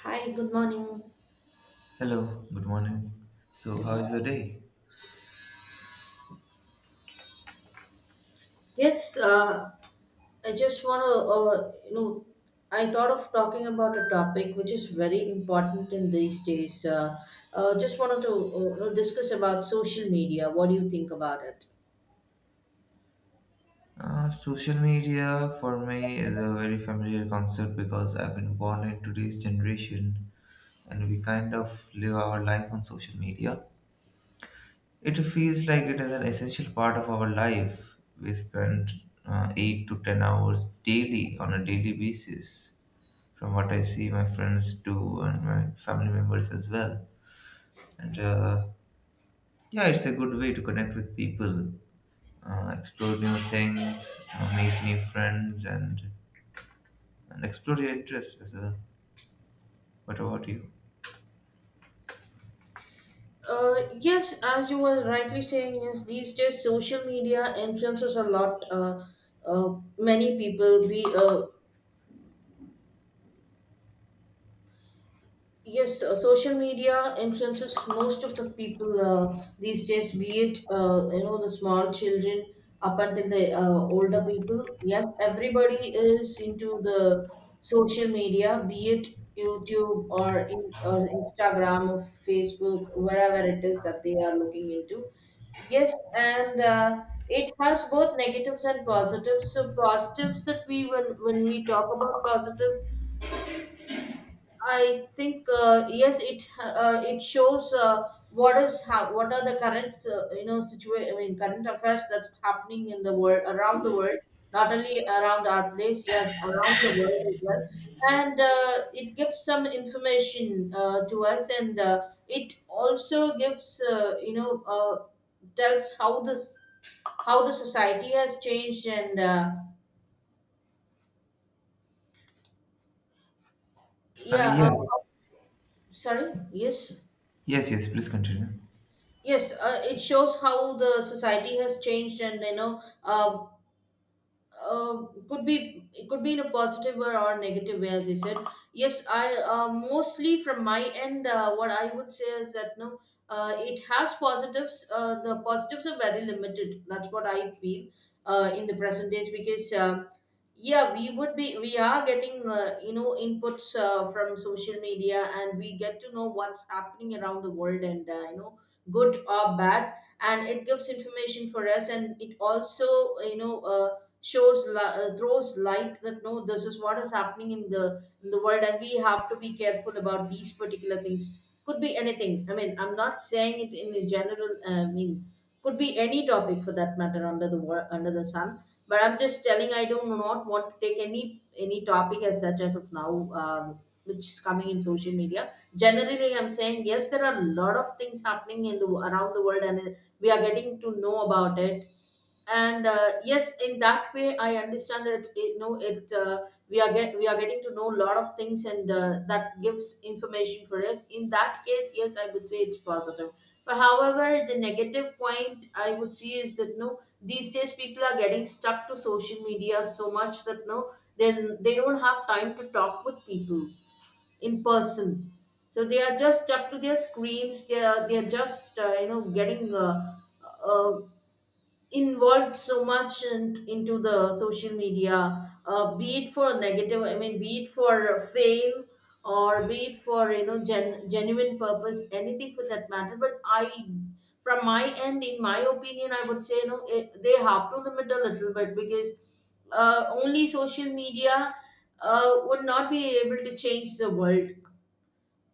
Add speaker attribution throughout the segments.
Speaker 1: Hi, good morning.
Speaker 2: Hello, good morning. So,
Speaker 1: Good
Speaker 2: how is the
Speaker 1: morning.
Speaker 2: day?
Speaker 1: Yes, I just want to, I thought of talking about a topic which is very important in these days. Just wanted to discuss about social media. What do you think about it?
Speaker 2: Social media for me is a very familiar concept because I've been born in today's generation, and we kind of live our life on social media. It feels like it is an essential part of our life. We spend 8 to 10 hours daily on a daily basis, from what I see my friends do and my family members as well. And yeah, it's a good way to connect with people, explore new things, meet new friends, and explore your interests as well. What about you?
Speaker 1: Uh, yes, as you were rightly saying, yes, these days social media influences a lot. Many people be, yes, social media influences most of the people these days, be it the small children up until the older people. Yes, everybody is into the social media, be it YouTube or Instagram or Facebook, wherever it is that they are looking into. Yes, and it has both negatives and positives. So positives that we when we talk about positives, I think, yes, it shows, what are the current, situation. I mean, current affairs that's happening in the world, around the world, not only around our place, yes, around the world as well. And it gives some information to us, and it also gives, tells how this how the society has changed, and yeah.
Speaker 2: Yes,
Speaker 1: Sorry. Yes.
Speaker 2: yes, yes. Please continue.
Speaker 1: Yes, it shows how the society has changed, and, you know, uh, could be it could be in a positive or negative way, as I said. Yes, I mostly from my end, what I would say is that no, it has positives. The positives are very limited. That's what I feel in the present days, because. Yeah, we would be we are getting inputs from social media, and we get to know what's happening around the world, and good or bad, and it gives information for us, and it also uh, you know uh, throws light that no, this is what is happening in the world, and we have to be careful about these particular things. Could be anything. I mean, I'm not saying it in a general meaning. Could be any topic, for that matter, under the sun. But I'm just telling, I do not want to take any topic as such as of now, um, which is coming in social media. Generally, I'm saying, yes, there are a lot of things happening in the around the world, and we are getting to know about it. And yes, in that way I understand it. We are getting to know a lot of things, and that gives information for us. In that case, yes, I would say it's positive. But however, the negative point I would see is that no, these days people are getting stuck to social media so much that no, then they don't have time to talk with people in person. So they are just stuck to their screens. They are just, getting, uh, involved so much into the social media, be it for negative, I mean, be it for fame, or be it for, genuine purpose, anything for that matter. But I, from my end, in my opinion, I would say, they have to limit a little bit, because only social media would not be able to change the world.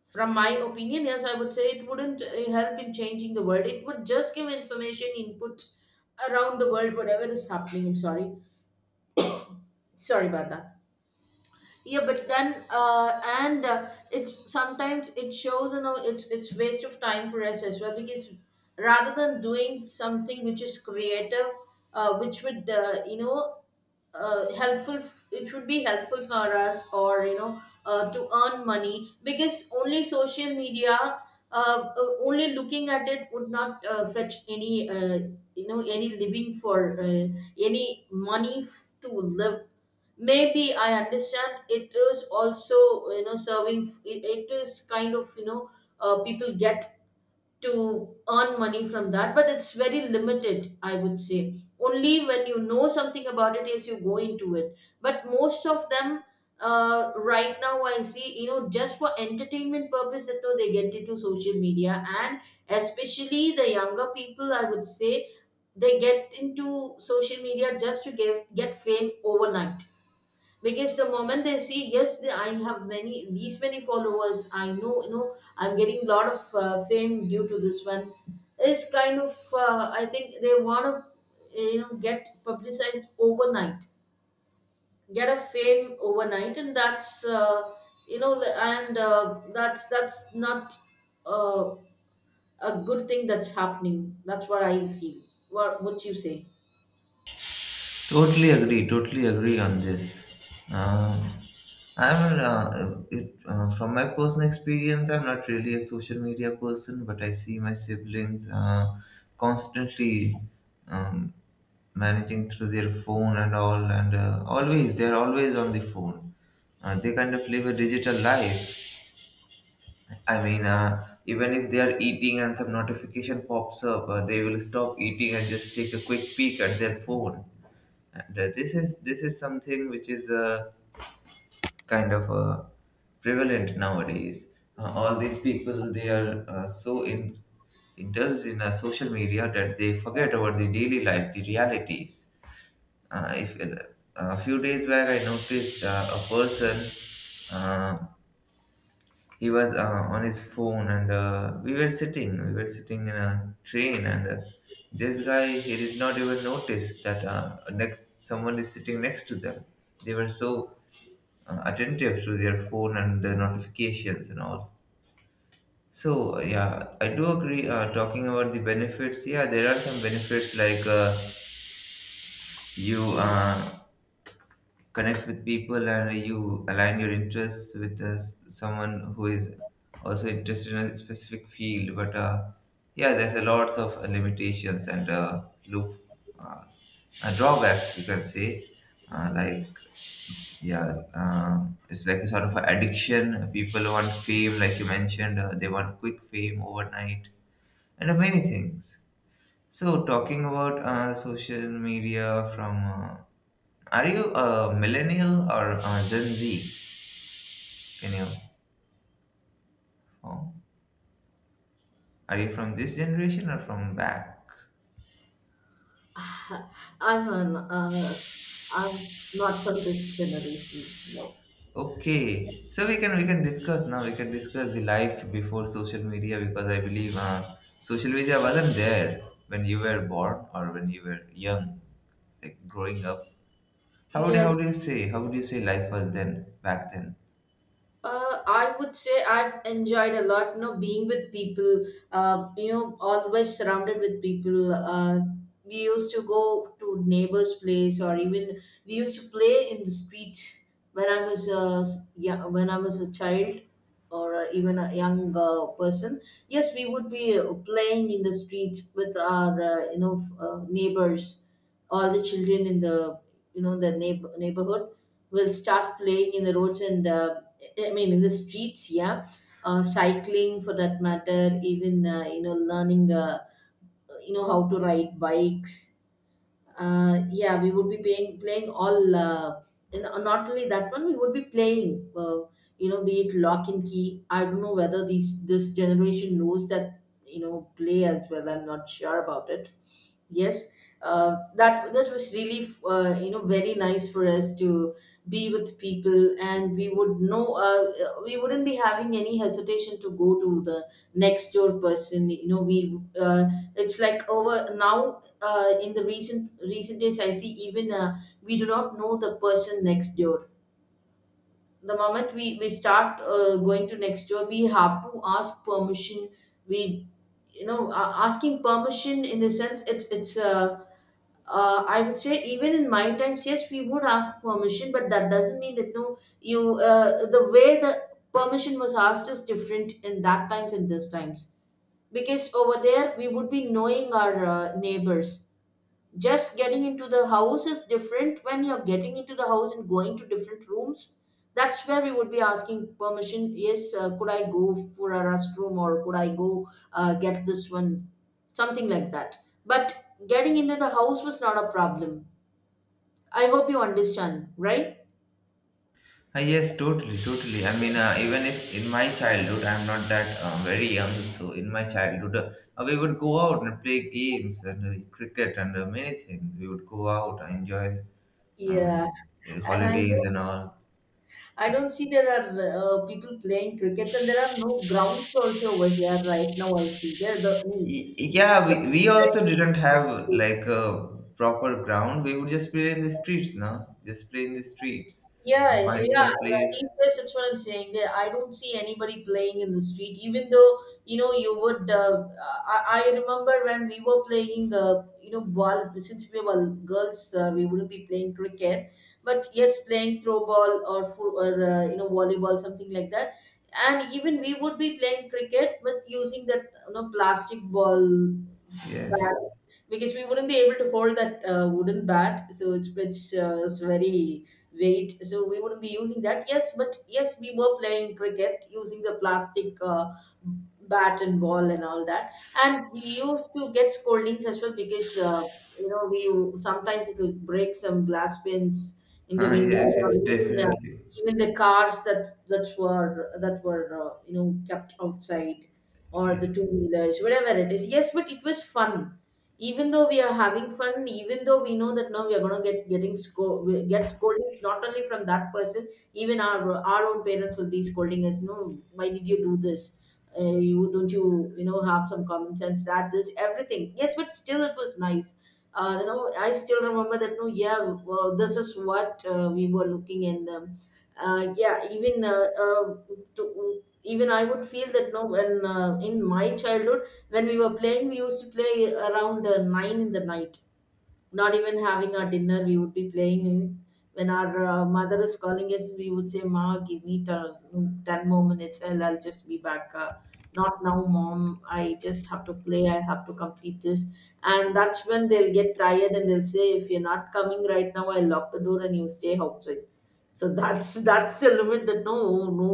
Speaker 1: From my opinion, yes, I would say it wouldn't help in changing the world. It would just give information input around the world, whatever is happening. I'm sorry. Sorry about that. Yeah, but then and it's sometimes it shows, it's waste of time for us as well, because rather than doing something which is creative, which would, helpful, it would be helpful for us, or, to earn money. Because only social media only looking at it would not fetch any, any living for to live. Maybe I understand, it is also, you know, serving, it is kind of, you know, people get to earn money from that, but it's very limited, I would say. Only when you know something about it is you go into it, but most of them, right now I see, you know, just for entertainment purpose that no, they get into social media. And especially the younger people, I would say, they get into social media just to get fame overnight. Because the moment they see, yes, I have many, these many followers, I know, you know, I'm getting a lot of fame due to this one, is kind of, I think they want to, you know, get publicized overnight, get a fame overnight. And that's, and that's not, uh, a good thing that's happening. That's what I feel. What you say?
Speaker 2: Totally agree. Totally agree on this. Um, from my personal experience, I'm not really a social media person, but I see my siblings constantly, um, managing through their phone and all, and always they're always on the phone. They kind of live a digital life. I mean, even if they are eating and some notification pops up, they will stop eating and just take a quick peek at their phone. And this is something which is kind of prevalent nowadays. All these people, they are so in indulged in social media that they forget about the daily life, the realities. If a few days back, I noticed a person. Uh, he was on his phone, and we were sitting in a train, and this guy, he did not even notice that, next someone is sitting next to them. They were so attentive to their phone and the notifications and all. So yeah, I do agree. Talking about the benefits, yeah, there are some benefits, like, you connect with people and you align your interests with someone who is also interested in a specific field. But yeah, there's a lots of limitations and loop uh, drawbacks you can say. Like, yeah, it's like a sort of an addiction. People want fame, like you mentioned, they want quick fame overnight and of many things. So, talking about social media, are you a millennial or a Gen Z? Can you, oh, are you from this generation or from back?
Speaker 1: i'm an uh, I'm not from this generation. No.
Speaker 2: Okay, so we can discuss now. We can discuss the life before social media, because I believe social media wasn't there when you were born or when you were young, like growing up.
Speaker 1: Yes,
Speaker 2: How would you say life was then, back then?
Speaker 1: I would say I've enjoyed a lot, you know, being with people, you know, always surrounded with people. We used to go to neighbors' place, or even we used to play in the streets when I was a yeah, when I was a child. Or even a young person. Yes, we would be playing in the streets with our neighbors. All the children in the, you know, the neighborhood will start playing in the roads, and I mean, in the streets, yeah. Cycling, for that matter. Even you know, learning, you know, how to ride bikes. Yeah, we would be, playing all, and not only that one, we would be playing, you know, be it lock and key. I don't know whether these this generation knows that, you know, play as well. I'm not sure about it. Yes, that was really you know, very nice for us to be with people, and we wouldn't be having any hesitation to go to the next door person. You know, we it's like over now, in the recent days. I see even, we do not know the person next door. The moment we start, going to next door, we have to ask permission. We, you know, asking permission in the sense, it's I would say, even in my times, yes, we would ask permission, but that doesn't mean that no, you the way the permission was asked is different in that times and this times. Because over there we would be knowing our neighbors. Just getting into the house is different. When you're getting into the house and going to different rooms, that's where we would be asking permission. Yes, could I go for a restroom, or could I go get this one, something like that. But getting into the house was not a problem. I hope you understand, right?
Speaker 2: Yes, totally, totally. I mean, even if in my childhood, I'm not that very young, so in my childhood, we would go out and play games and cricket and many things. We would go out, enjoy um,
Speaker 1: Yeah, and
Speaker 2: holidays and all.
Speaker 1: I don't see there are people playing crickets, and there are no grounds also over here right now. I see there the.
Speaker 2: Yeah, we also didn't have like a proper ground. We would just play in the streets, no? Just play in the streets,
Speaker 1: Yeah,
Speaker 2: find
Speaker 1: yeah,
Speaker 2: some
Speaker 1: like,
Speaker 2: place.
Speaker 1: these days, that's what I'm saying. Yeah, I don't see anybody playing in the street, even though you know you would. I remember when we were playing, you know, ball. Since we were girls, we wouldn't be playing cricket, but yes, playing throw ball or you know, volleyball, something like that. And even we would be playing cricket, but using that, you know, plastic ball
Speaker 2: Yes,
Speaker 1: bat, because we wouldn't be able to hold that wooden bat. So it's which is very weight, so we wouldn't be using that. Yes, but yes, we were playing cricket using the plastic bat and ball and all that, and we used to get scoldings as well because you know, we sometimes it will break some glass pins in the window,
Speaker 2: yes,
Speaker 1: or
Speaker 2: yes,
Speaker 1: even,
Speaker 2: definitely.
Speaker 1: even the cars that were you know, kept outside, or the two wheelers, whatever it is. Yes, but it was fun, even though we are having fun, even though we know that now we are going to get getting we get scoldings not only from that person, even our own parents will be scolding us. No, why did you do this? You don't you know, have some common sense that this everything. Yes, but still it was nice. You know, I still remember that, no? Yeah, well, this is what we were looking, and yeah, even even I would feel that, no, when in my childhood, when we were playing, we used to play around nine in the night, not even having our dinner, we would be playing. When our mother is calling us, we would say, "Ma, give me 10 more minutes and I'll just be back. Not now, mom, I just have to play, I have to complete this." And that's when they'll get tired and they'll say, "If you're not coming right now, I'll lock the door and you stay outside." So that's the limit, that no, no,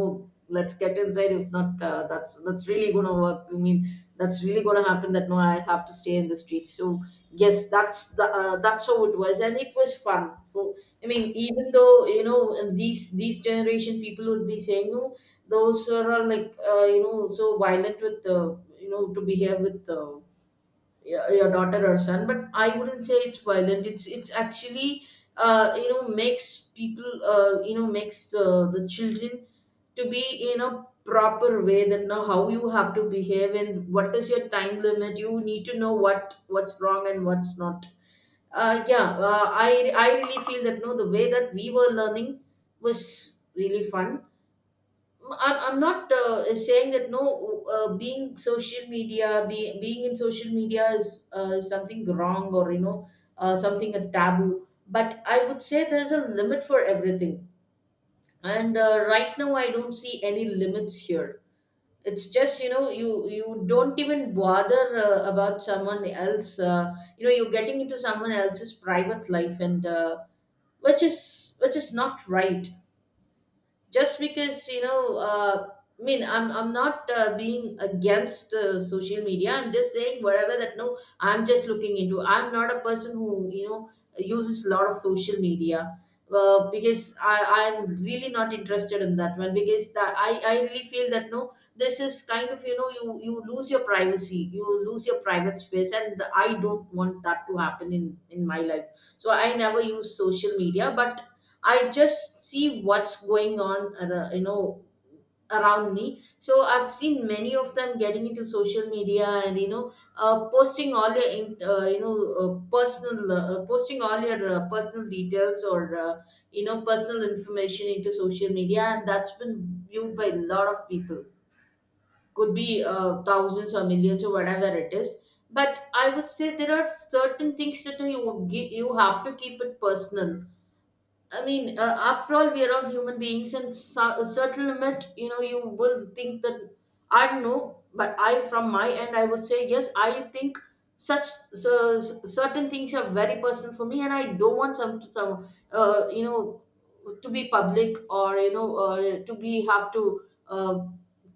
Speaker 1: let's get inside, if not that's really gonna work. I mean, that's really gonna happen, that no, I have to stay in the street. So yes, that's the, that's how it was, and it was fun. For, I mean, even though, you know, and these generation people would be saying, "No, those are all like you know, so violent with you know, to behave with your daughter or son." But I wouldn't say it's violent, it's actually you know, makes people you know, makes the children to be in a proper way, that know how you have to behave and what is your time limit. You need to know what, what's wrong and what's not. Yeah, I really feel that, no, the way that we were learning was really fun. I'm not saying that, no, being social media, being in social media is something wrong, or you know, something a taboo, but I would say there's a limit for everything. And right now I don't see any limits here. It's just, you know, you don't even bother about someone else, you know, you're getting into someone else's private life, and which is not right, just because you know I mean, I'm not being against social media, I'm just saying whatever, that no, I'm just looking into, I'm not a person who, you know, uses a lot of social media, because I'm really not interested in that one, because that I really feel that no, this is kind of, you know, you lose your privacy, you lose your private space, and I don't want that to happen in my life. So I never use social media, but I just see what's going on, you know, around me. So I've seen many of them getting into social media, and you know, posting all your, you know, personal, posting all your personal details or you know, personal information into social media, and that's been viewed by a lot of people. Could be thousands or millions or whatever it is. But I would say there are certain things that you give, you have to keep it personal. I mean, after all, we are all human beings, and so, a certain limit, you know, you will think that I don't know, but I, from my end, I would say yes. I think such, so, certain things are very personal for me, and I don't want some you know, to be public, or you know, to be have to uh,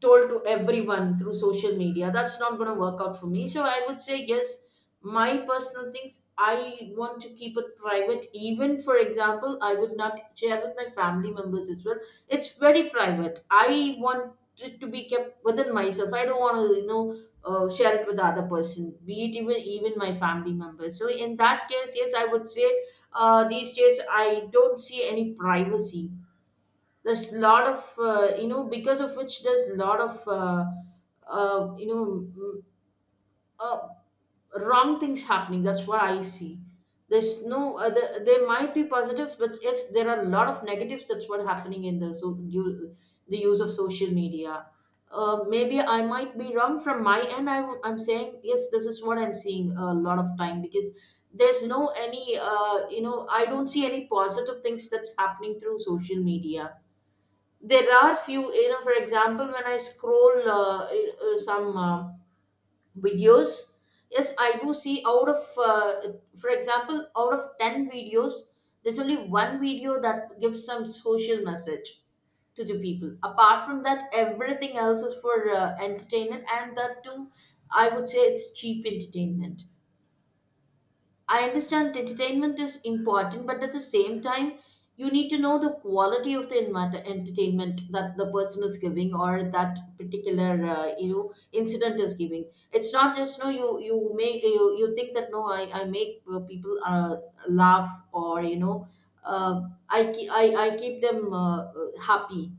Speaker 1: told to everyone through social media. That's not going to work out for me. So I would say yes, my personal things I want to keep it private. Even for example, I would not share with my family members as well. It's very private, I want it to be kept within myself. I don't want to, you know, share it with the other person, be it even my family members. So in that case, yes, I would say these days I don't see any privacy. There's a lot of you know, because of which there's a lot of you know, uh, wrong things happening, that's what I see. There's no there might be positives, but yes, there are a lot of negatives, that's what happening in the, so you, the use of social media. Maybe I might be wrong from my end, I am saying yes, this is what I'm seeing a lot of time, because there's no any you know, I don't see any positive things that's happening through social media. There are few, you know, for example, when I scroll some videos, yes, I do see out of for example, out of 10 videos there's only one video that gives some social message to the people. Apart from that, everything else is for entertainment, and that too, I would say it's cheap entertainment. I understand entertainment is important, but at the same time, you need to know the quality of the entertainment that the person is giving, or that particular you know, incident is giving. It's not just no, you make, you think that no, I make people laugh, or you know, uh, I keep them happy,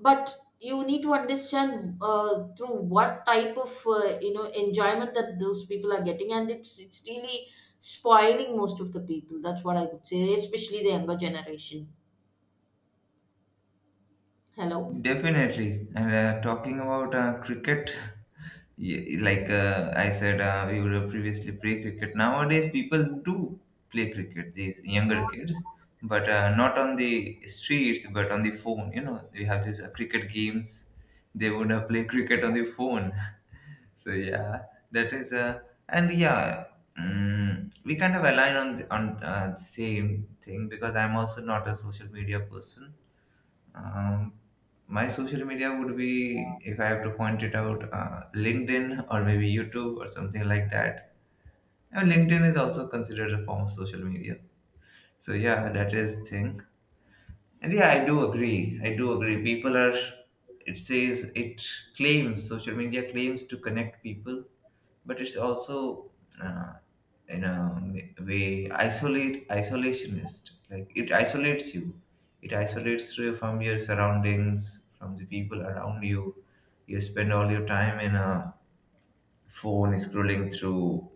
Speaker 1: but you need to understand through what type of you know, enjoyment that those people are getting, and it's really spoiling most of the people, that's what I would say, especially the younger generation. Hello.
Speaker 2: Definitely. And talking about cricket, like I said, we were previously play cricket. Nowadays, people do play cricket, these younger kids, but not on the streets, but on the phone. You know, we have these cricket games. They would play cricket on the phone. So yeah, that is and yeah, mm, we kind of align on the, on same thing, because I'm also not a social media person. um, my social media would be, if I have to point it out, LinkedIn or maybe YouTube or something like that. And LinkedIn is also considered a form of social media. So yeah, that is thing. And yeah, I do agree. I do agree. People are. It claims social media claims to connect people, but it's also, uh, in a m- way isolate isolationist like, it isolates you from your surroundings, from the people around you. You spend all your time in a phone scrolling through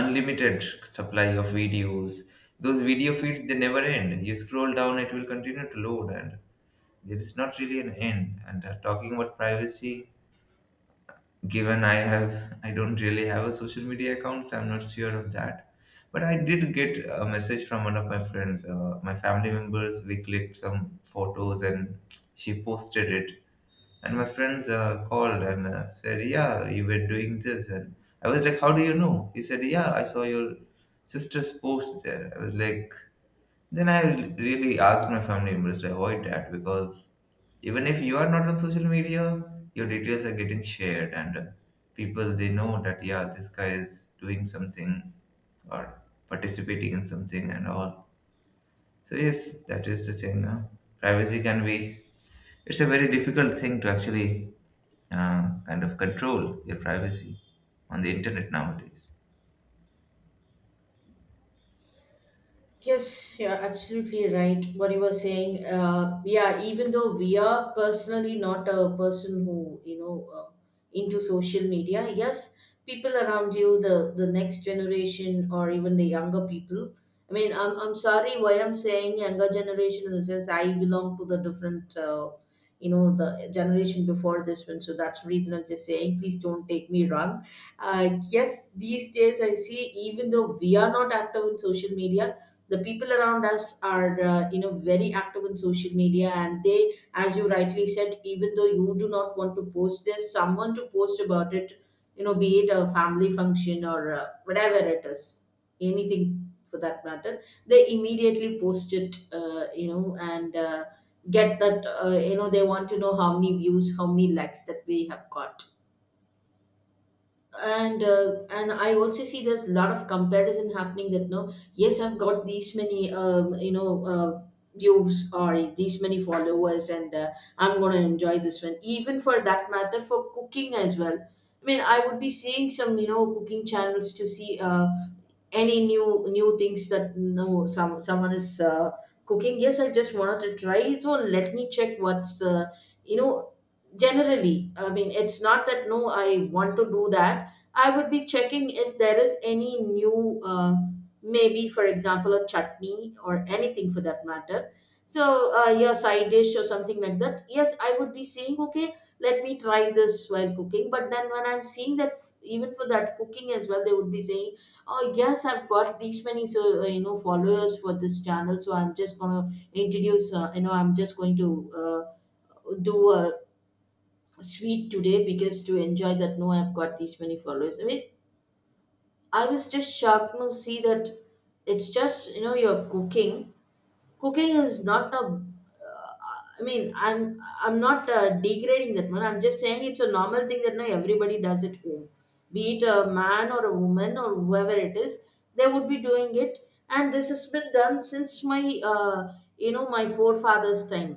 Speaker 2: unlimited supply of videos. Those video feeds, they never end. You scroll down, it will continue to load, and there is not really an end. And talking about privacy, given I don't really have a social media account, so I'm not sure of that. But I did get a message from one of my friends. My family members, we clicked some photos, and she posted it. And my friends called and said, "Yeah, you were doing this." And I was like, "How do you know?" He said, "Yeah, I saw your sister's post there." I was like, then I really asked my family members to avoid that, because even if you are not on social media, your details are getting shared, and people, they know that, yeah, this guy is doing something or participating in something and all. So yes, that is the thing. Privacy can be It's a very difficult thing to actually kind of control your privacy on the internet nowadays.
Speaker 1: Yes, you're absolutely right, what you were saying, yeah, even though we are personally not a person who, you know, into social media, yes, people around you, the next generation or even the younger people. I mean, I'm sorry, why I'm saying younger generation in the sense I belong to the different, you know, the generation before this one. So that's the reason I'm just saying, please don't take me wrong. Yes, these days I see, even though we are not active in social media, the people around us are you know, very active in social media, and they, as you rightly said, even though you do not want to post, there's someone to post about it. You know, be it a family function, or whatever it is, anything for that matter, they immediately post it, you know, and get that you know, they want to know how many views, how many likes that we have got. And and I also see there's a lot of comparison happening, that no, yes, I've got these many you know, views, or these many followers, and I'm gonna enjoy this one. Even for that matter, for cooking as well, I mean, I would be seeing some, you know, cooking channels to see any new things, that no, someone is cooking, yes, I just wanted to try it, so let me check what's you know, generally, I mean, it's not that no, I want to do that, I would be checking if there is any new maybe for example a chutney or anything for that matter. So yeah, side dish or something like that, yes, I would be saying, okay, let me try this while cooking. But then when I'm seeing that, even for that cooking as well, they would be saying, "Oh yes, I've got these many, so you know, followers for this channel. So I'm just gonna introduce. You know, I'm just going to do a sweet today, because to enjoy that. No, I've got these many followers." I mean, I was just shocked to see that. It's just, you know, you're cooking. Cooking is not a uh, I mean, I'm not degrading that one, I'm just saying it's a normal thing that now everybody does at home, be it a man or a woman or whoever it is, they would be doing it. And this has been done since my uh, you know, my forefathers time.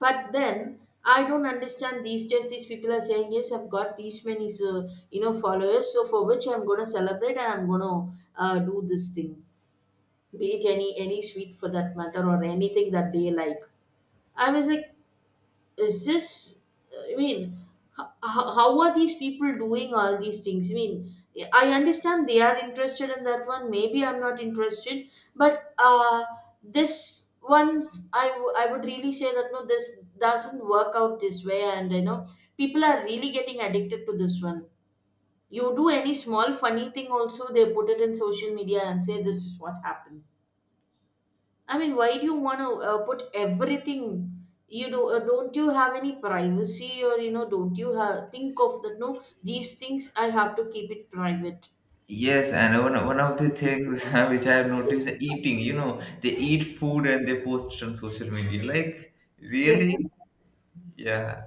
Speaker 1: But then I don't understand, these days these people are saying, "Yes, I've got these many, so, you know, followers, so for which I'm going to celebrate, and I'm going to do this thing, bake any sweet for that matter, or anything that they like." I was like, is this? I mean, how are these people doing all these things? I mean, I understand they are interested in that one. Maybe I'm not interested, but this once I would really say that no, this doesn't work out this way, and you know, people are really getting addicted to this one. You do any small funny thing, also they put it in social media and say this is what happened. I mean, why do you want to put everything? You do, don't you have any privacy, or you know, don't you think of that? No, these things I have to keep it private.
Speaker 2: Yes, and one of the things which I have noticed is eating. They eat food and they post it on social media. Like,
Speaker 1: Yes,
Speaker 2: really? Yeah.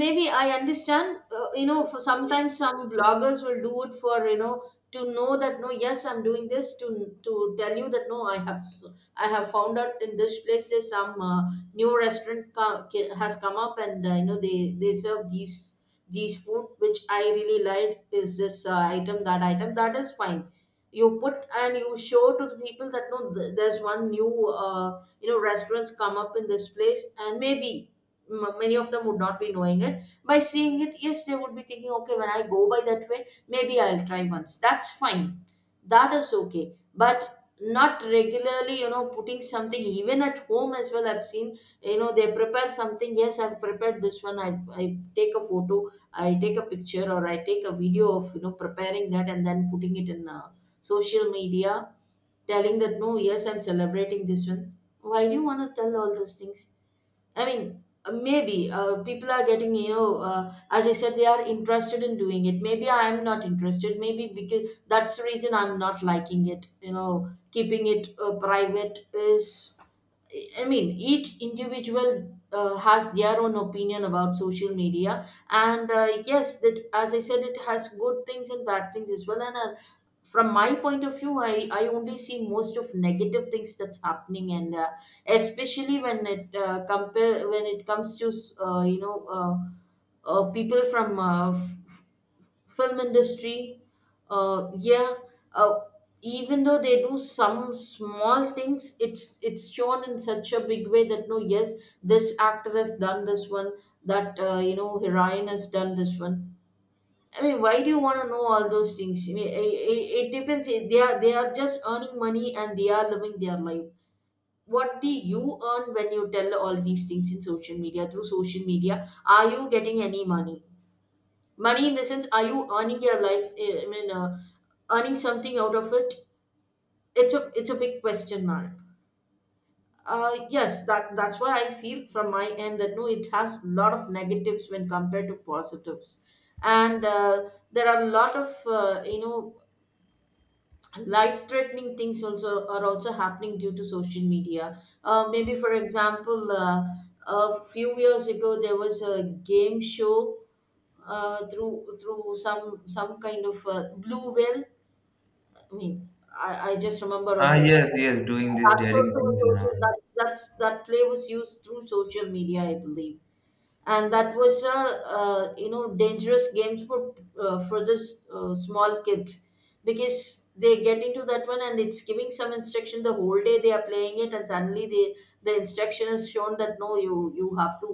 Speaker 1: maybe I understand, you know, for sometimes some bloggers will do it for to know that no, yes, I'm doing this to tell you that no, I have found out in this place there's some new has come up, and you know, they serve these food which I really like. Is this item, that item, that is fine. You put and you show to the people that no, there's one new restaurants come up in this place, and maybe many of them would not be knowing it. By seeing it, yes, they would be thinking okay, when I go by that way maybe I'll try once, that's fine. That is okay, but not regularly, you know, putting something. Even at home as well, I've seen, you know, they prepare something. Yes, I've prepared this one. I take a photo, I take a picture, or I take a video of preparing that, and then putting it in social media, telling that no, yes, I'm celebrating this one. Why do you want to tell all those things? Maybe people are getting, as I said, they are interested in doing it. Maybe I am not interested. Maybe because that's the reason I'm not liking it. You know, keeping it private is, I mean, each individual has their own opinion about social media. And yes, that, as I said, it has good things and bad things as well. And from my point of view, I only see most of negative things that's happening. And especially when it compare when it comes to uh, you know uh, people from film industry. Yeah. uh, Even though they do some small things, it's shown in such a big way that no, yes, this actor has done this one, that you know, heroine has done this one. I mean, why do you want to know all those things? I mean, it depends. They are just earning money and they are living their life. What do you earn when you tell all these things in social media? Through social media, are you getting any money? Money in the sense, are you earning your life? Earning something out of it? It's a, it's a big question mark. Yes, that's what I feel from my end, that no, it has a lot of negatives when compared to positives. And there are a lot of life threatening things also are also happening due to social media. Maybe for example, a few years ago there was a game show through some kind of blue whale. I mean, I just remember
Speaker 2: Ah,
Speaker 1: of it.
Speaker 2: yes, yes, doing these
Speaker 1: That's
Speaker 2: daring
Speaker 1: also a
Speaker 2: things and
Speaker 1: social,
Speaker 2: all.
Speaker 1: that's that play was used through social media, I believe. And that was a you know, dangerous games for this small kids, because they get into that one and it's giving some instruction. The whole day they are playing it, and suddenly they, the instruction is shown that no, you you have to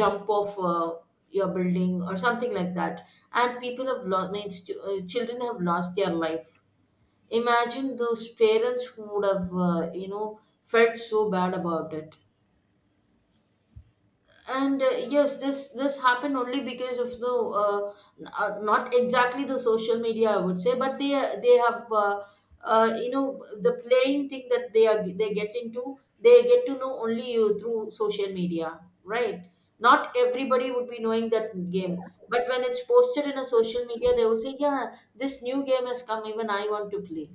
Speaker 1: jump off your building or something like that. And people have lost, means, children have lost their life. Imagine those parents who would have felt so bad about it. And yes, this happened only because of the uh, not exactly the social media, I would say, but they have you know, the playing thing that they are, they get into, they get to know only you through social media, right? Not everybody would be knowing that game, but when it's posted in a social media, they would say yeah, this new game has come, even I want to play.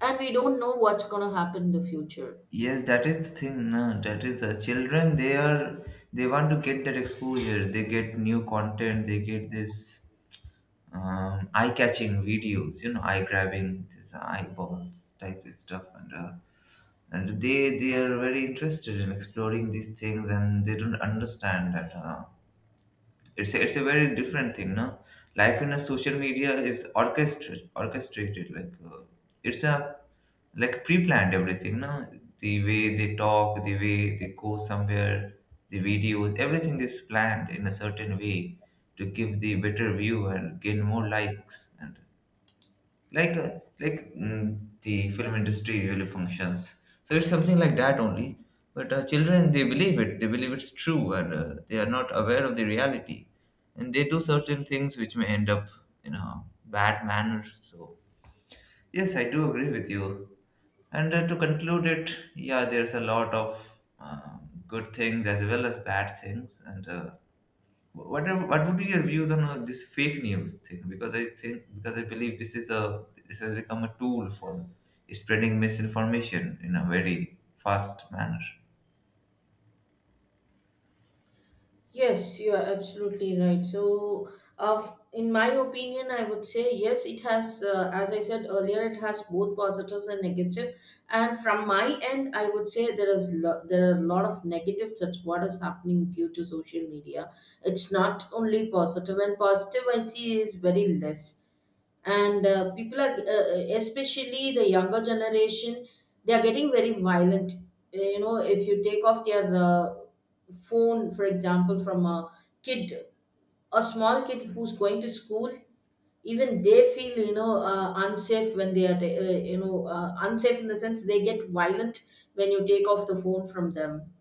Speaker 1: And we don't know what's going to happen in the future.
Speaker 2: Yes, that is the thing. No, that is the children. They want to get that exposure. They get new content. They get this eye-catching videos. Eye-grabbing, this eyeballs type of stuff, and they are very interested in exploring these things, and they don't understand that, it's a very different thing, no? Life in a social media is orchestrated, like, it's a like pre-planned everything, no? The way they talk, the way they go somewhere, the videos, everything is planned in a certain way to give the better view and gain more likes, and like the film industry really functions. So it's something like that only. But children, they believe it's true, and they are not aware of the reality, and they do certain things which may end up in a bad manner. So yes, I do agree with you. And to conclude it, yeah, there's a lot of uh, good things as well as bad things, and what would be your views on this fake news thing? Because I believe this has become a tool for spreading misinformation in a very fast manner.
Speaker 1: Yes, you are absolutely right. So, of in my opinion, I would say yes, it has, as I said earlier, it has both positives and negative. And from my end, I would say there are a lot of negatives. That's what is happening due to social media. It's not only positive, and positive I see is very less. And people are especially the younger generation, they are getting very violent. You know, if you take off their phone, for example, from a kid, a small kid who's going to school, even they feel, you know, unsafe when they are, unsafe in the sense they get violent when you take off the phone from them.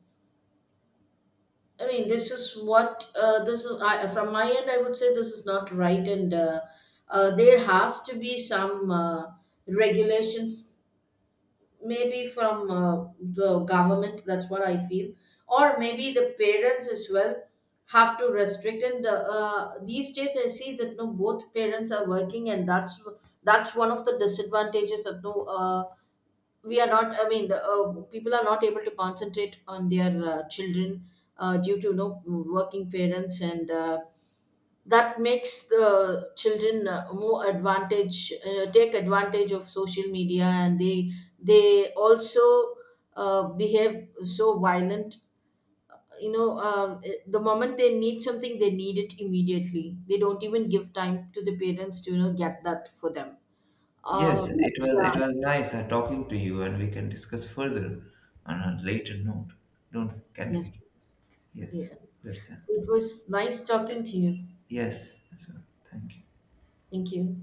Speaker 1: I mean, this is what, this is, from my end, I would say this is not right. And there has to be some regulations, maybe from, the government. That's what I feel, or maybe the parents as well have to restrict. And these days, I see that no, both parents are working, and that's one of the disadvantages of, no. We are not, I mean, the people are not able to concentrate on their children due to, you know, working parents. And that makes the children more advantage take advantage of social media, and they also behave so violent. You know, the moment they need something, they need it immediately. They don't even give time to the parents to, you know, get that for them.
Speaker 2: Yes,
Speaker 1: uh,
Speaker 2: it was
Speaker 1: yeah.
Speaker 2: it was nice talking to you, and we can discuss further on a later note. Don't Can't we?
Speaker 1: Yes.
Speaker 2: Yes,
Speaker 1: Yeah.
Speaker 2: that's it.
Speaker 1: So it was nice talking to you.
Speaker 2: Yes, so, thank you.
Speaker 1: Thank you.